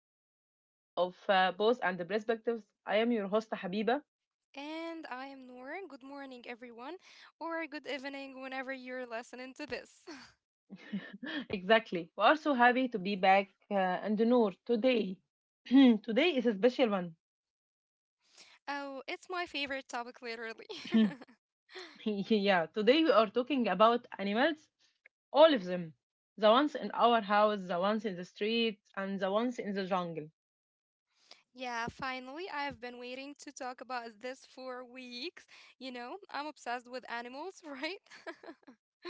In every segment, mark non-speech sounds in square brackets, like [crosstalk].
to another episode of Both and the Perspectives. I am your host, Habiba. And I am Noor. Good morning, everyone, or good evening whenever you're listening to this. [laughs] Exactly. We are so happy to be back, and Noor today. [clears throat] Today is a special one. [laughs] Oh, it's my favorite topic, literally. [laughs] [laughs] [clears throat] Yeah, today we are talking about animals, all of them. The ones in our house, the ones in the street, and the ones in the jungle. Yeah, finally, I've been waiting to talk about this for weeks. You know, I'm obsessed with animals, [laughs] right? [laughs]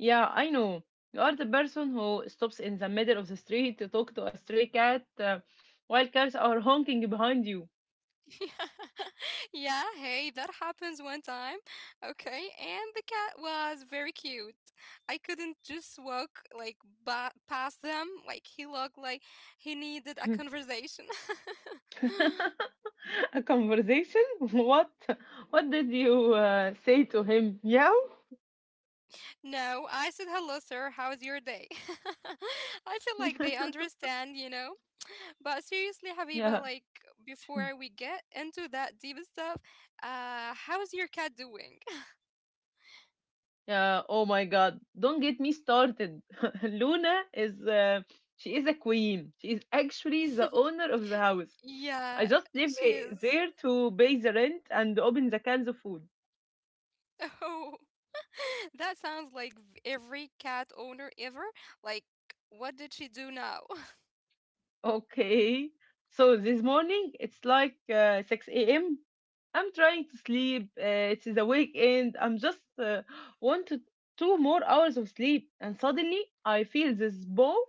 Yeah, I know. You are the person who stops in the middle of the street to talk to a stray cat, while cars are honking behind you. [laughs] Yeah, hey, that happens one time. Okay, and the cat was very cute. I couldn't just walk like past them. Like he looked like he needed a [laughs] conversation. [laughs] A conversation? [laughs] What? What did you say to him? Yeah. No, I said hello, sir. How's your day? [laughs] I feel like they [laughs] understand. But seriously, Yeah. Habiba, like before we get into that deep stuff, how's your cat doing? Yeah. Oh my God. Don't get me started. [laughs] Luna is she is a queen. She is actually the [laughs] owner of the house. Yeah, I just live she is. there to pay the rent and open the cans of food. Oh, [laughs] that sounds like every cat owner ever. Like, what did she do now? [laughs] Okay. So this morning it's like 6 a.m. I'm trying to sleep. It's the weekend. I'm just wanted two more hours of sleep, and suddenly I feel this bone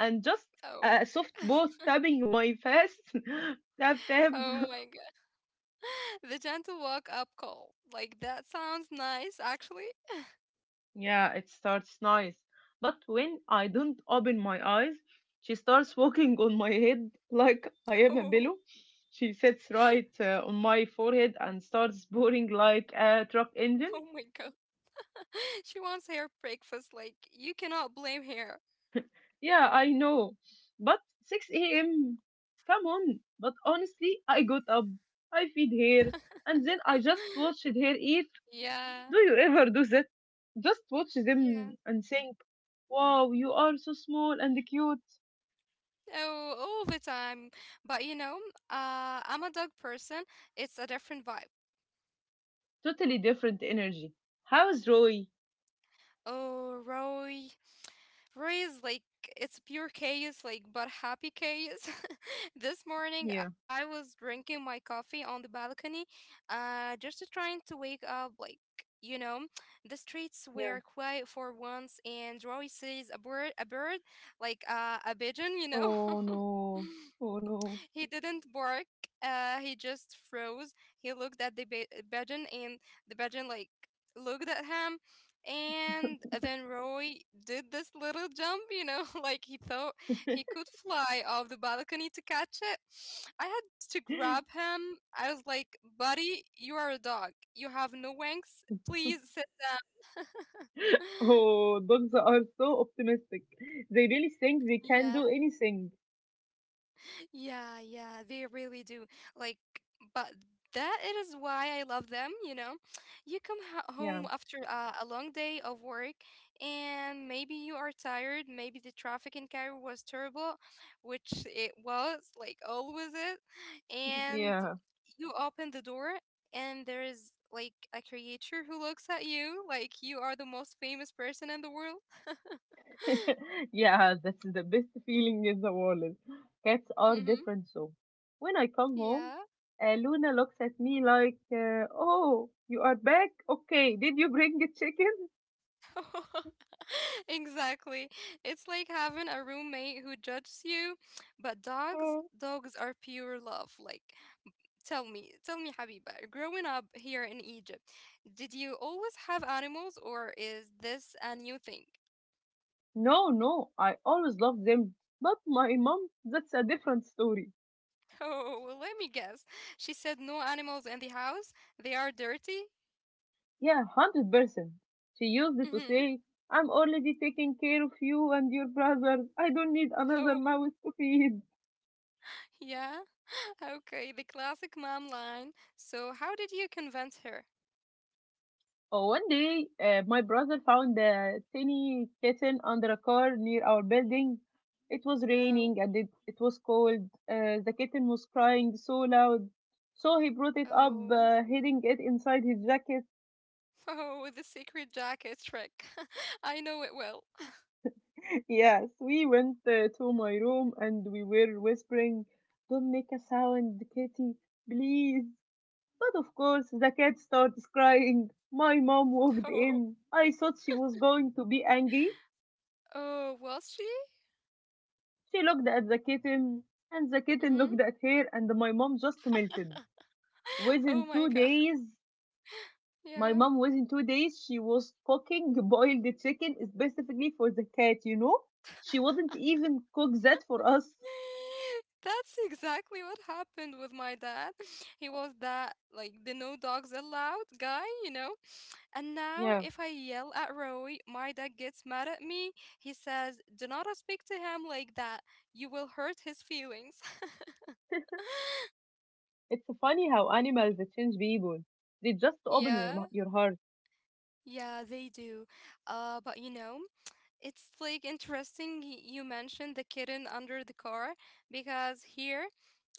and just Oh, a soft ball [laughs] tapping my face. [laughs] Tap tap. [laughs] oh my God. [laughs] The gentle walk up call. Like, that sounds nice, actually. Yeah, it starts nice, but when I don't open my eyes, she starts walking on my head like I am [laughs] a Oh, pillow. She sits right on my forehead and starts boring like a truck engine. oh my God. [laughs] She wants her breakfast. Like, you cannot blame her. Yeah, I know. But 6 a.m. Come on. But honestly, I got up, I feed her, and then I just watched [laughs] her eat. Yeah, Do you ever do that? Just watch yeah. them and think, wow, you are so small and cute. Oh, all the time. But I'm a dog person. It's a different vibe. Totally different energy. How's Roy? Oh, Roy, Roy is like it's pure chaos, like but happy chaos. [laughs] This morning Yeah, I was drinking my coffee on the balcony, just trying to wake up. Like you know, the streets yeah. were quiet for once, and Roy sees a bird, like a pigeon. Oh [laughs] no. Oh no. He didn't bark. He just froze. He looked at the pigeon, and the pigeon like looked at him. And then Roy did this little jump, [laughs] like he thought he could fly off the balcony to catch it. I had to grab [laughs] him. I was like, buddy, you are a dog. You have no wings. Please sit down. [laughs] Oh, dogs are so optimistic. They really think they can Yeah. do anything. Yeah, yeah, they really do. Like, but that it is why I love them, you know. You come ho Yeah, home after a long day of work, and maybe you are tired, maybe the traffic in Cairo was terrible, which it was, like always it. And yeah. you open the door and there is like a creature who looks at you like you are the most famous person in the world. [laughs] [laughs] Yeah, that's the best feeling in the world. Cats are Hmm. different, so. When I come Yeah. home, Luna looks at me like, oh, you are back? Okay, did you bring a chicken? [laughs] [laughs] Exactly. It's like having a roommate who judges you, but dogs, Uh, dogs are pure love. Like, tell me, Habiba, growing up here in Egypt, did you always have animals or is this a new thing? [laughs] no, no, I always love them. But my mom, that's a different story. Oh, well, let me guess. She said no animals in the house. They are dirty. Yeah, 100%. She used to Mm-hmm. say, I'm already taking care of you and your brother. I don't need another Oh, mouse to feed. yeah. [laughs] Okay, the classic mom line. So, how did you convince her? Oh, one day, my brother found a tiny kitten under a car near our building. It was Oh, raining and it was cold. The kitten was crying so loud. So he brought it up, oh. Hiding it inside his jacket. Oh, the secret jacket trick. [laughs] I know it well. [laughs] [laughs] Yes, we went to my room and we were whispering, don't make a sound, kitty, please. But of course, the cat starts crying. My mom walked Oh, in. I thought she was going to be angry. oh, was she? She looked at the kitten, and the kitten Hmm. looked at her, and my mom just melted. [gasps] [laughs] Oh Within my two God. days, my Yeah. mom, within 2 days, she was cooking boiled chicken specifically for the cat, you know? She wouldn't even cook that for us. [gasps] [laughs] That's exactly what happened with my dad. [laughs] He was that, like, the no dogs allowed guy, you know? And now, Yeah. if I yell at Roy, my dad gets mad at me. He says, Do not speak to him like that. You will hurt his feelings. [laughs] [laughs] It's funny how animals change people. They just open Yeah. your heart. Yeah, they do. But it's like interesting you mentioned the kitten under the car, because here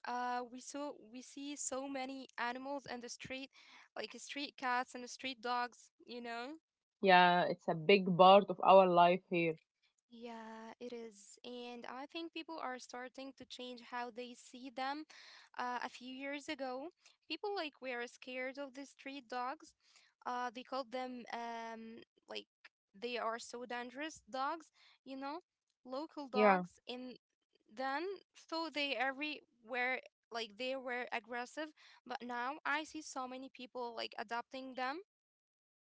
we see so many animals in the street, like street cats and street dogs. Yeah, it's a big part of our life here. Yeah, it is. And I think people are starting to change how they see them. A few years ago, people like were scared of the street dogs. They called them like they are so dangerous dogs, you know, local Yeah. dogs. And then thought they everywhere like they were aggressive, but now I see so many people like adopting them.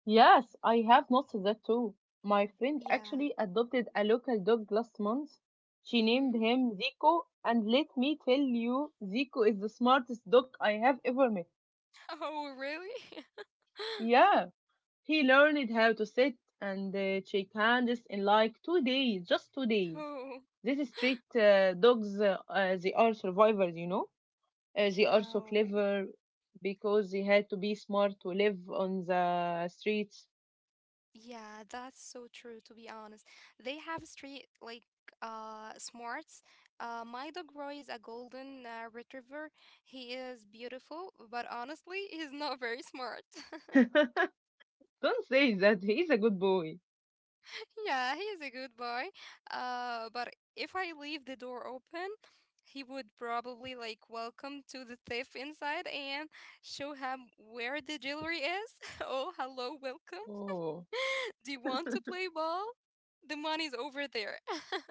Yes, I have noticed that too. My friend Yeah. actually adopted a local dog last month. She named Mm-hmm. [laughs] him Zico, and let me tell you, Zico is the smartest dog I have ever met. Oh, really? [laughs] Yeah, he learned how to sit and shake hands in like 2 days, just 2 days. Oh. These street dogs, they are survivors, you know. They are so Oh, clever because they had to be smart to live on the streets. yeah, that's so true, to be honest. They have street like smarts. My dog Roy is a golden retriever. He is beautiful, but honestly, he's not very smart. [laughs] [laughs] Don't say that. He's a good boy. Yeah, he is a good boy. But if I leave the door open, he would probably like welcome to the thief inside and show him where the jewelry is. [laughs] Oh, hello, welcome. Oh, [laughs] Do you want to play ball? The money's over there. [laughs]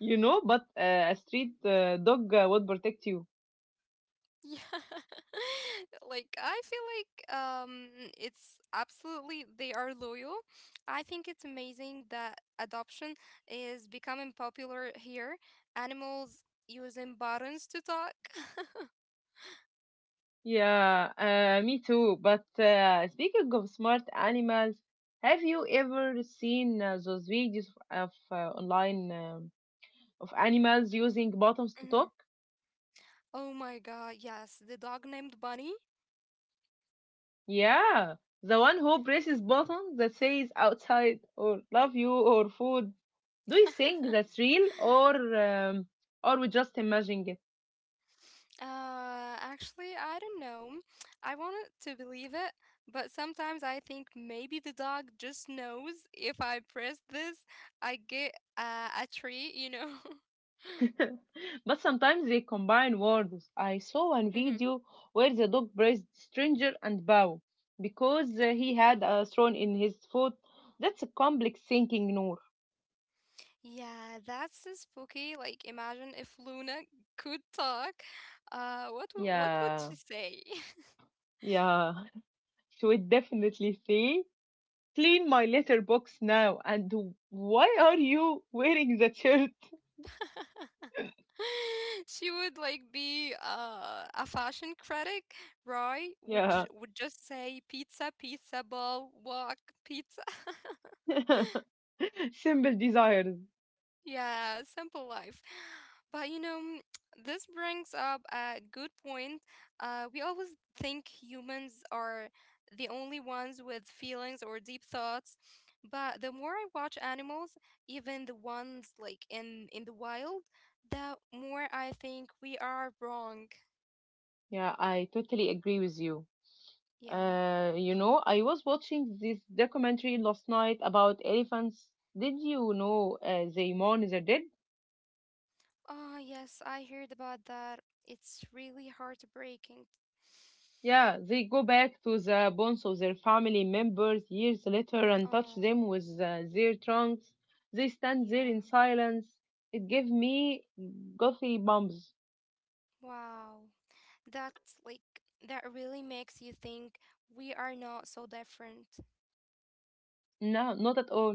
you know, but a street dog would protect you. Yeah. [laughs] Like I feel like it's absolutely they are loyal. I think it's amazing that adoption is becoming popular here. Animals using buttons to talk. [laughs] Yeah, me too. But speaking of smart animals, have you ever seen those videos of online of animals using buttons to Mhm. talk? Oh my God, yes, the dog named Bunny. Yeah, the one who presses buttons that says outside or love you or food. Do you think [laughs] that's real or we just imagine it? Actually, I don't know. I wanted to believe it, but sometimes I think maybe the dog just knows if I press this, I get a treat, you know? [laughs] [laughs] But sometimes they combine words. I saw one Hmm. video where the dog praised stranger and bow because he had a stone in his foot. That's a complex thinking, Noor. Yeah, that's so spooky. Like, imagine if Luna could talk. What what would Yeah, she say? yeah. [laughs] She would definitely say, "Clean my letterbox now." And why are you wearing that shirt? [laughs] [laughs] She would like be a fashion critic, right? Would ju- Yeah. would just say pizza, pizza, ball, walk, pizza. [laughs] [laughs] Simple desires. Yeah, simple life. [sighs] But this brings up a good point. We always think humans are the only ones with feelings or deep thoughts, but the more I watch animals, even the ones like in the wild, the more I think we are wrong. Yeah, I totally agree with you. Yeah. You know, I was watching this documentary last night about elephants. Did you know they mourn their dead? Oh, yes, I heard about that. It's really heartbreaking. Yeah, they go back to the bones of their family members years later and touch Oh, them with their trunks. They stand there in yeah. silence. It gave me gothy bumps. Wow. That's like that really makes you think we are not so different. No, not at all.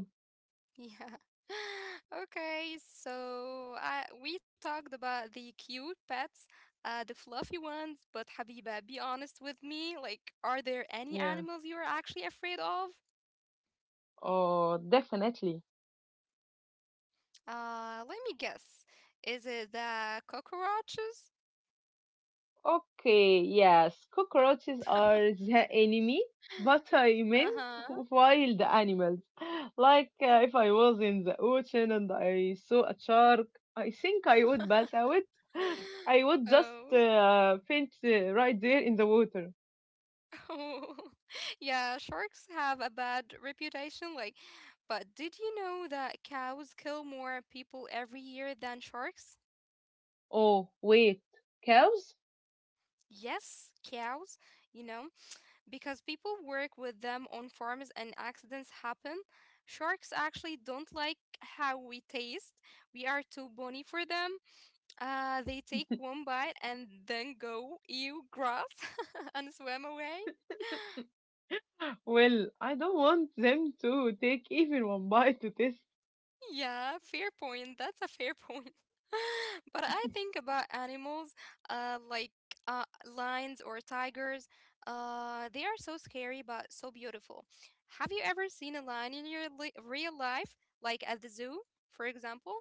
Yeah. [laughs] Okay, so we talked about the cute pets, the fluffy ones, but Habiba, be honest with me. Like, are there any Yeah. animals you are actually afraid of? Oh, definitely. Let me guess. Is it the cockroaches? Okay, yes, cockroaches are [laughs] the enemy, but I meant Uh wild animals. [laughs] Like if I was in the ocean and I saw a shark, I think I would huh. [laughs] pass out. [gasps] [laughs] I would Oh. just faint right there in the water. Oh, [laughs] yeah, sharks have a bad reputation. Like, but did you know that cows kill more people every year than sharks? Oh, wait, cows? Yes, cows, you know, because people work with them on farms and accidents happen. Sharks actually don't like how we taste. We are too bony for them. They take one bite and then go, ew, grass, [laughs] and swim away. [laughs] Well, I don't want them to take even one bite to this. Yeah, fair point. That's a fair point. [laughs] But I think about animals, like uh, lions or tigers. They are so scary but so beautiful. Have you ever seen a lion in your li real life, like at the zoo, for example?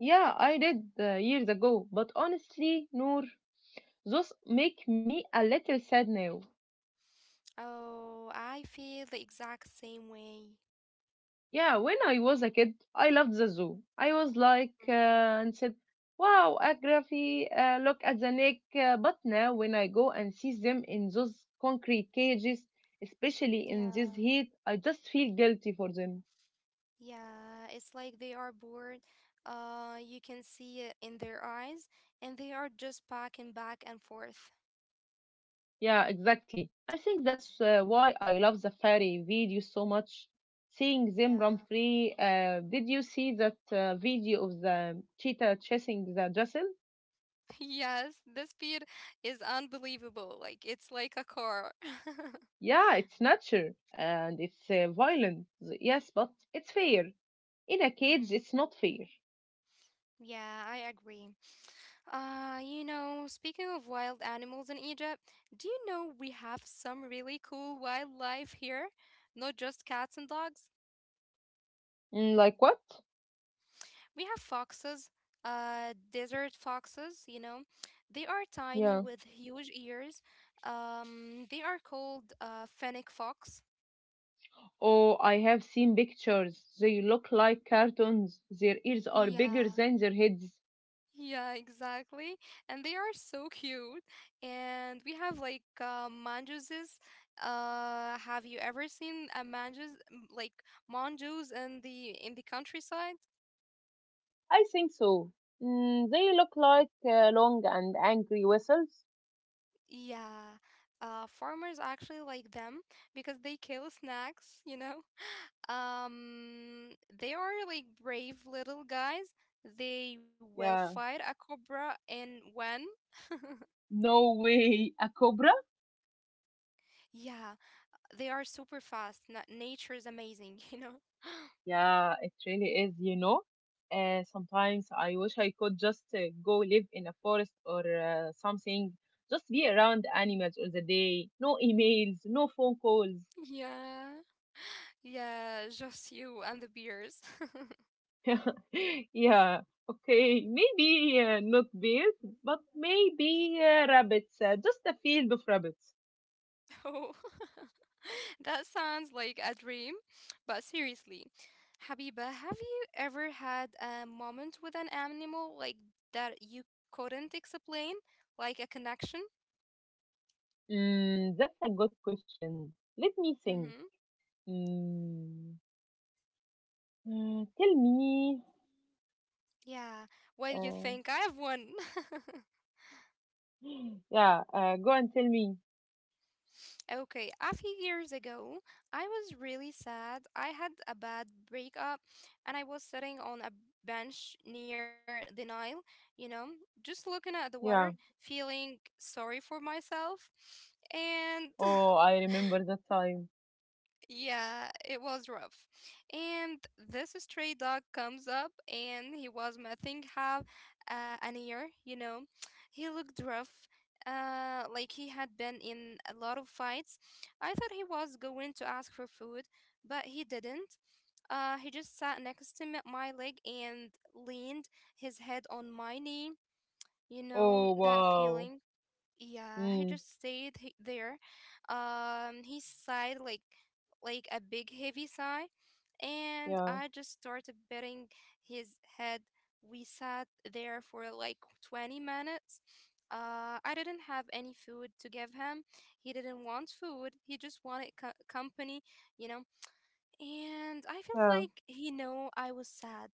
Yeah, I did years ago, but honestly, Noor, those make me a little sad now. Oh, I feel the exact same way. Yeah, when I was a kid, I loved the zoo. I was like, Mm. and said, wow, Agrafy, look at the neck. But now, when I go and see them in those concrete cages, especially in this Yeah, heat, I just feel guilty for them. yeah. It's like they are bored. You can see it in their eyes, and they are just packing back and forth. Yeah, exactly. I think that's why I love the fairy video so much. Seeing them run Yeah. free. Did you see that video of the cheetah chasing the Jason? [laughs] Yes, the speed is unbelievable. Like it's like a car. [laughs] Yeah, it's nature and it's violent. Yes, but it's fair. In a Mhm. cage, it's not fair. Yeah, I agree. Speaking of wild animals in Egypt, do you know we have some really cool wildlife here? Not just cats and dogs. Mm, like what? We have foxes, desert foxes. They are tiny Yeah. with huge ears. They are called fennec fox. Oh, I have seen pictures. They look like cartoons. Their ears are bigger Yeah, than their heads. yeah, exactly. And they are so cute. And we have like manjuses. Have you ever seen a manjus like manjus in the countryside? I think so. Mm, they look like long and angry whistles. Yeah. Farmers actually like them because they kill snakes. [laughs] They are like brave little guys. They will Yeah. fight a cobra and when. No way, a cobra? Yeah, they are super fast. Nature is amazing, [laughs] you know. Yeah, it really is, you know. Sometimes I wish I could just go live in a forest or something, just be around animals all the day. No emails, no phone calls. [laughs] Yeah, yeah, just you and the beers. [laughs] Yeah, okay, maybe not bears, but maybe rabbits, just a field of rabbits. Oh, [laughs] that sounds like a dream. But seriously, Habiba, have you ever had a moment with an animal like that you couldn't explain, like a connection? Mm, that's a good question. Let me think. Mm-hmm. Mm, tell me. Yeah. What do you Uh, think? I have one. [laughs] [gasps] yeah, go and tell me. Okay, a few years ago, I was really sad. I had a bad breakup and I was sitting on a bench near the Nile, you know, just looking at the water, Yeah. feeling sorry for myself. And [laughs] Oh, I remember that time. Yeah, it was rough. And this stray dog comes up and he was missing half an ear. He looked rough, like he had been in a lot of fights. I thought he was going to ask for food, but he didn't. He just sat next to me my leg and leaned his head on my knee. You know Oh, that wow. feeling? Yeah, he Mm, just stayed there. He sighed like a big heavy sigh, and yeah, I just started petting his head. We sat there for like 20 minutes. I didn't have any food to give him. He didn't want food. He just wanted company, you know. And I felt yeah. like he know I was sad.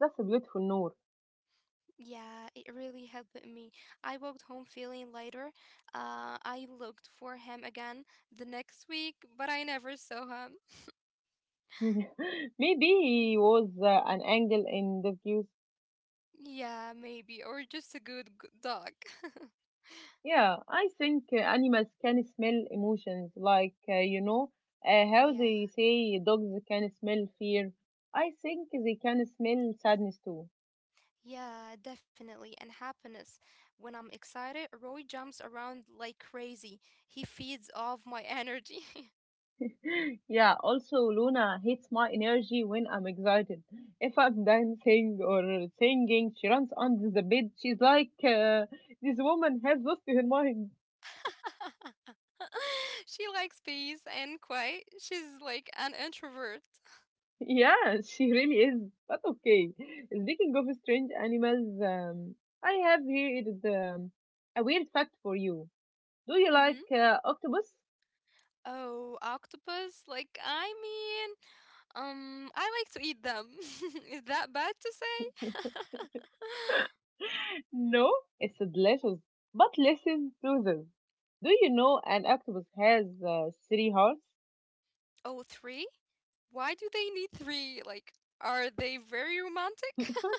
That's a beautiful Noor. Yeah, it really helped me. I walked home feeling lighter. I looked for him again the next week, but I never saw him. [laughs] Maybe he Mm. was an angel in the views. Yeah, maybe, or just a good dog. [laughs] Yeah, I think animals can smell emotions, like, you know, how Yeah, they say dogs can smell fear. I think they can smell sadness too. yeah, definitely. And happiness. When I'm excited, Roy jumps around like crazy. He feeds off my energy. Yeah, also Luna hates my energy when I'm excited. If I'm dancing or singing, she runs under the bed. She's like, this woman has lost her mind. [laughs] [laughs] [laughs] She likes peace and quiet. She's like an introvert. Yeah, she really is. But okay. Speaking of strange animals, I have here a weird fact for you. Do you [laughs] Hmm. like octopus? Oh, octopus? Like, I mean, I like to eat them. [laughs] Is that bad to say? [laughs] No, it's delicious. But listen to this. Do you know an octopus has three hearts? Oh, three? Why do they need three? Like, are they very romantic? [laughs]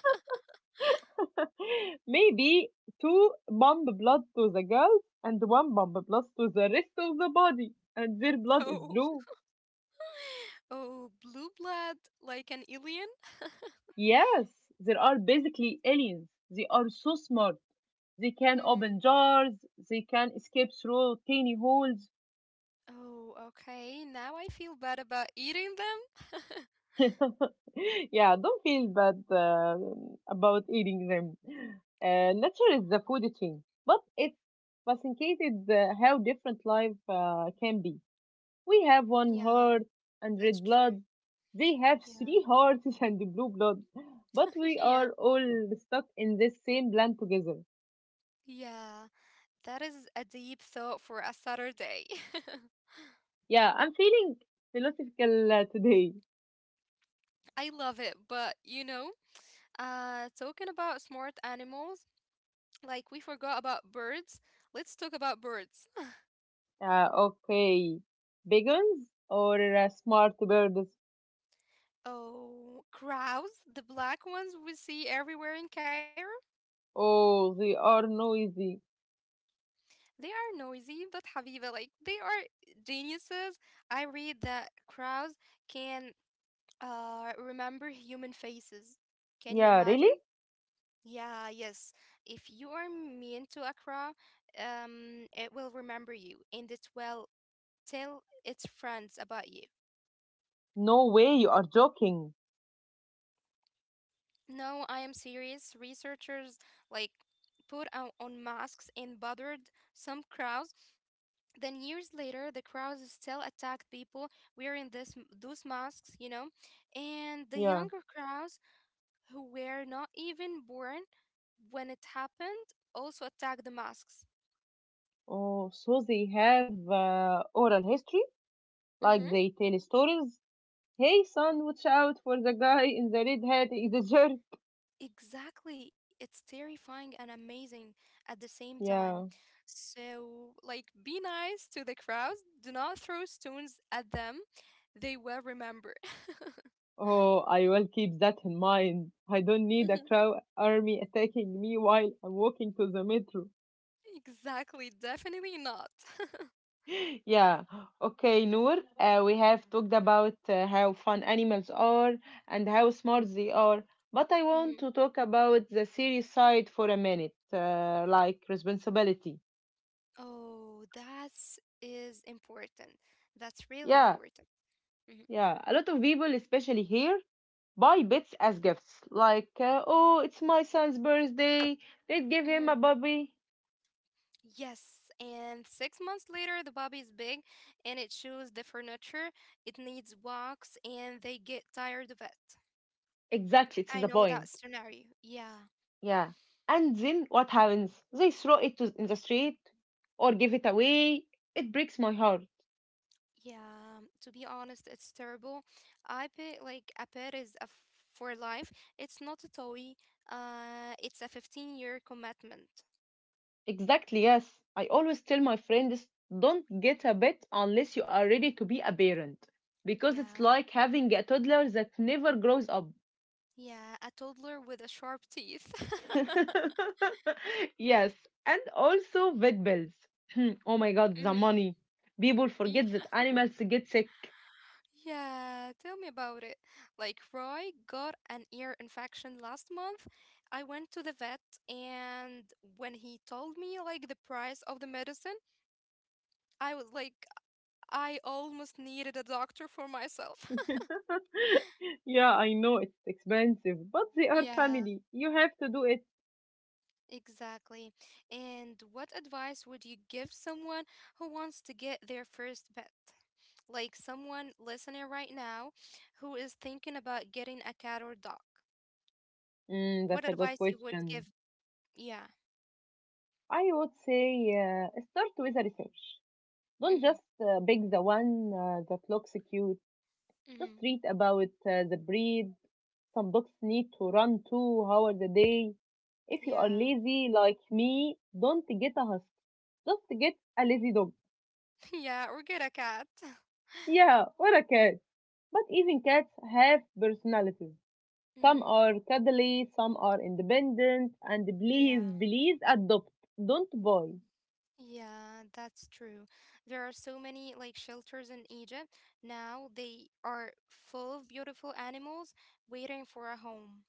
[laughs] Maybe two pump blood to the girls and one pump blood to the rest of the body, and their blood is No. blue. Oh, blue blood, like an alien? Yes, they are basically aliens. They are so smart. They can Mm-hmm. open jars, they can escape through tiny holes. Oh, okay. Now I feel bad about eating them. [laughs] [laughs] Yeah, don't feel bad about eating them. Nature is the food chain, but it's fascinated how different life can be. We have one Yeah, heart and that's red blood. true. They have Yeah. three hearts [laughs] and blue blood. But [laughs] we Yeah. are all stuck in this same land together. Yeah. That is a deep thought for a Saturday. [laughs] Yeah, I'm feeling philosophical today. I love it, but talking about smart animals, like we forgot about birds. Let's talk about birds. [laughs] Okay. Beagons or smart birds? Oh, crows, the black ones we see everywhere in Cairo. Oh, they are noisy. They are noisy, but Habiba, like they are geniuses. I read that crows can remember human faces. Can you Yeah, really? imagine? Yeah, yes. If you are mean to a crow, it will remember you, and it will tell its friends about you. No way, you are joking. No, I am serious. Researchers like put on masks and bothered some crows. Then years later, the crows still attacked people wearing those masks, you know. And the Yeah. younger crows who were not even born when it happened also attacked the masks. Oh, so they have oral history, like Mm-hmm. they tell stories. Hey son, watch out for the guy in the red hat, he's a jerk. Exactly. It's terrifying and amazing at the same time. Yeah. So, like, be nice to the crowd. Do not throw stones at them. They will remember. [laughs] Oh, I will keep that in mind. I don't need a Mhm. crowd army attacking me while I'm walking to the metro. Exactly. Definitely not. [laughs] [laughs] Yeah. Okay, Noor, we have talked about how fun animals are and how smart they are, but I want Mhm. to talk about the serious side for a minute, like responsibility. Oh, that's important. That's really Yeah, important. Mhm. yeah. A lot of people, especially here, buy bits as gifts like oh, it's my son's birthday, they'd give Mhm. him a bobby. Yes, and 6 months later, the puppy is big, and it shows the furniture. It needs walks, and they get tired of it. Exactly, it's I the know that point. scenario. Yeah, Yeah, and then what happens? They throw it to, in the street or give it away. It breaks my heart. yeah. To be honest, it's terrible. I pay like a pet is for life. It's not a toy. It's a 15-year commitment. Exactly, yes, I always tell my friends, don't get a pet unless you are ready to be a parent, because it's Yeah, like having a toddler that never grows up. yeah. A toddler with a sharp teeth. [laughs] [laughs] Yes, and also vet bills. Hmm, oh my god, the money. People forget Mhm. that animals get sick. Yeah, tell me about it. Like Roy got an ear infection last month. I went to the vet and when he told me like the price of the medicine, I was like, I almost needed a doctor for myself. [laughs] [laughs] Yeah, I know it's expensive, but they are Yeah, family. You have to do it. exactly. And what advice would you give someone who wants to get their first pet? Like someone listening right now who is thinking about getting a cat or dog. Mm, What that's a good advice you would question. give? Yeah. I would say start with a research. Don't Mhm. just pick the one that looks cute. Just Mhm. read about the breed. Some dogs need to run 2 hours a day. If you are Yeah. lazy like me, don't get a husky. Just get a lazy dog. [laughs] Yeah, or get a cat. [laughs] Yeah, or a cat. But even cats have personalities. Some Mhm. are cuddly, some are independent, and Yeah. please, please adopt. Don't buy. Yeah, that's true. There are so many like shelters in Egypt now. They are full of beautiful animals waiting for a home.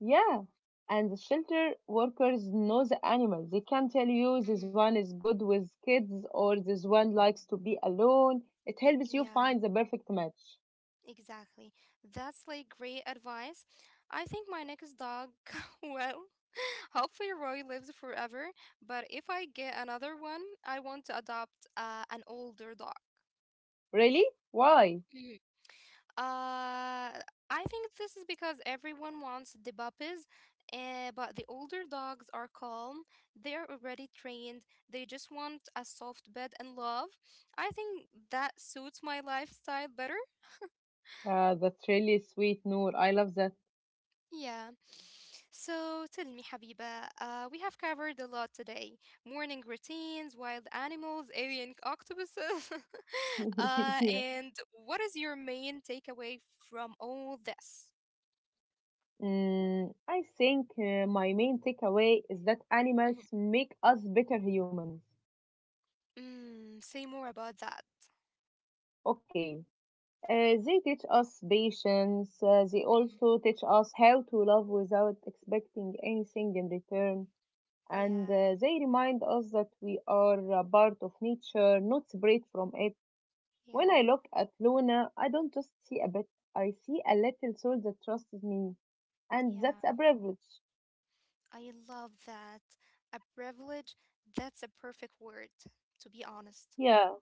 Yeah. And the shelter workers know the animals. They can tell Mhm. you this one is good with kids or this one likes to be alone. It helps you Yeah, find the perfect match. exactly. That's like great advice. I think my next dog, [laughs] well, [laughs] hopefully Roy lives forever, but if I get another one, I want to adopt an older dog. Really? Why? Uh, I think this is because everyone wants the puppies, but the older dogs are calm. They are already trained. They just want a soft bed and love. I think that suits my lifestyle better. That's really sweet, Noor. I love that. Yeah. So tell me, Habiba, we have covered a lot today. Morning routines, wild animals, alien octopuses. [laughs] [laughs] Yeah. and what is your main takeaway from all this? Mm, I think my main takeaway is that animals make us better humans. Mm, say more about that. Okay. They teach us patience. They Mhm. also teach us how to love without expecting anything in return. And Yeah, they remind us that we are a part of nature, not separate from it. When yeah, I look at Luna, I don't just see a bit, I see a little soul that trusts me, and that's a yeah. privilege. I love that. A privilege, that's a perfect word, to be honest. Yeah,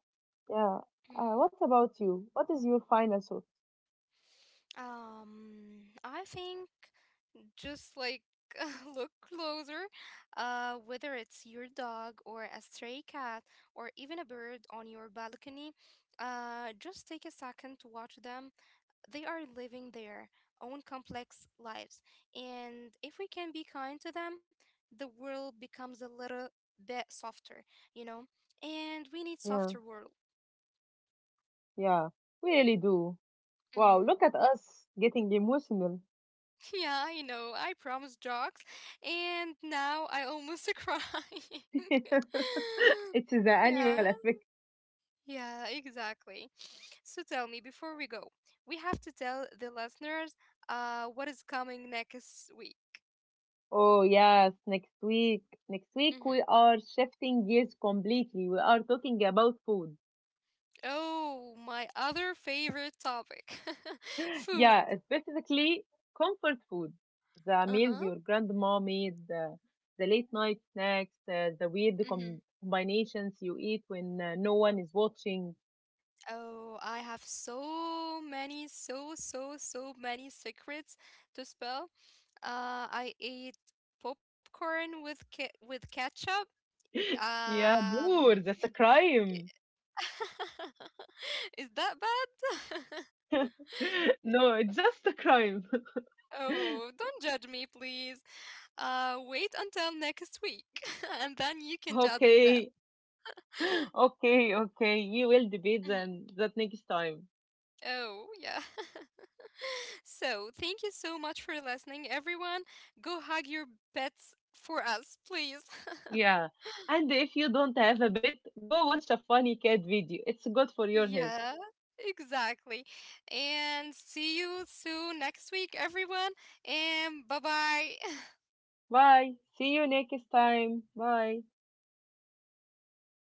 yeah. Mhm. What about you? What is your final thought? I think just like [laughs] look closer, whether it's your dog or a stray cat or even a bird on your balcony, just take a second to watch them. They are living their own complex lives. And if we can be kind to them, the world becomes a little bit softer, you know? And we need softer Yeah, world. yeah. We really do. Wow, Hmm. look at us getting emotional. [laughs] Yeah, I know. I promised jokes, and now I almost [laughs] cry. [laughs] [laughs] It's the animal Yeah, effect. yeah, exactly. So tell me before we go, we have to tell the listeners what is coming next week. Oh, yes, next week. Next week, Mm-hmm. we are shifting gears completely. We are talking about food. Oh, my other favorite topic, [laughs] food. Yeah, specifically comfort food. The meals Uh-huh. your grandma made, the late night snacks, the weird Hmm. Combinations you eat when no one is watching. [laughs] Oh, I have so many, so, so, so many secrets to spell. I ate popcorn with ketchup. Yeah, Um, Noor, that's a crime. [laughs] is that bad? [laughs] [laughs] No, it's just a crime. [laughs] Oh, don't judge me, please. Wait until next week, [laughs] and then you can judge me then. Okay, [laughs] okay, okay. We will debate Mhm. then that next time. Oh, yeah. [laughs] So, thank you so much for listening, everyone. Go hug your pets for us, please. [laughs] Yeah. And if you don't have a bit, go watch a funny cat video. It's good for your health. Yeah, exactly. And see you soon next week, everyone. And bye bye. [laughs] Bye. See you next time. Bye.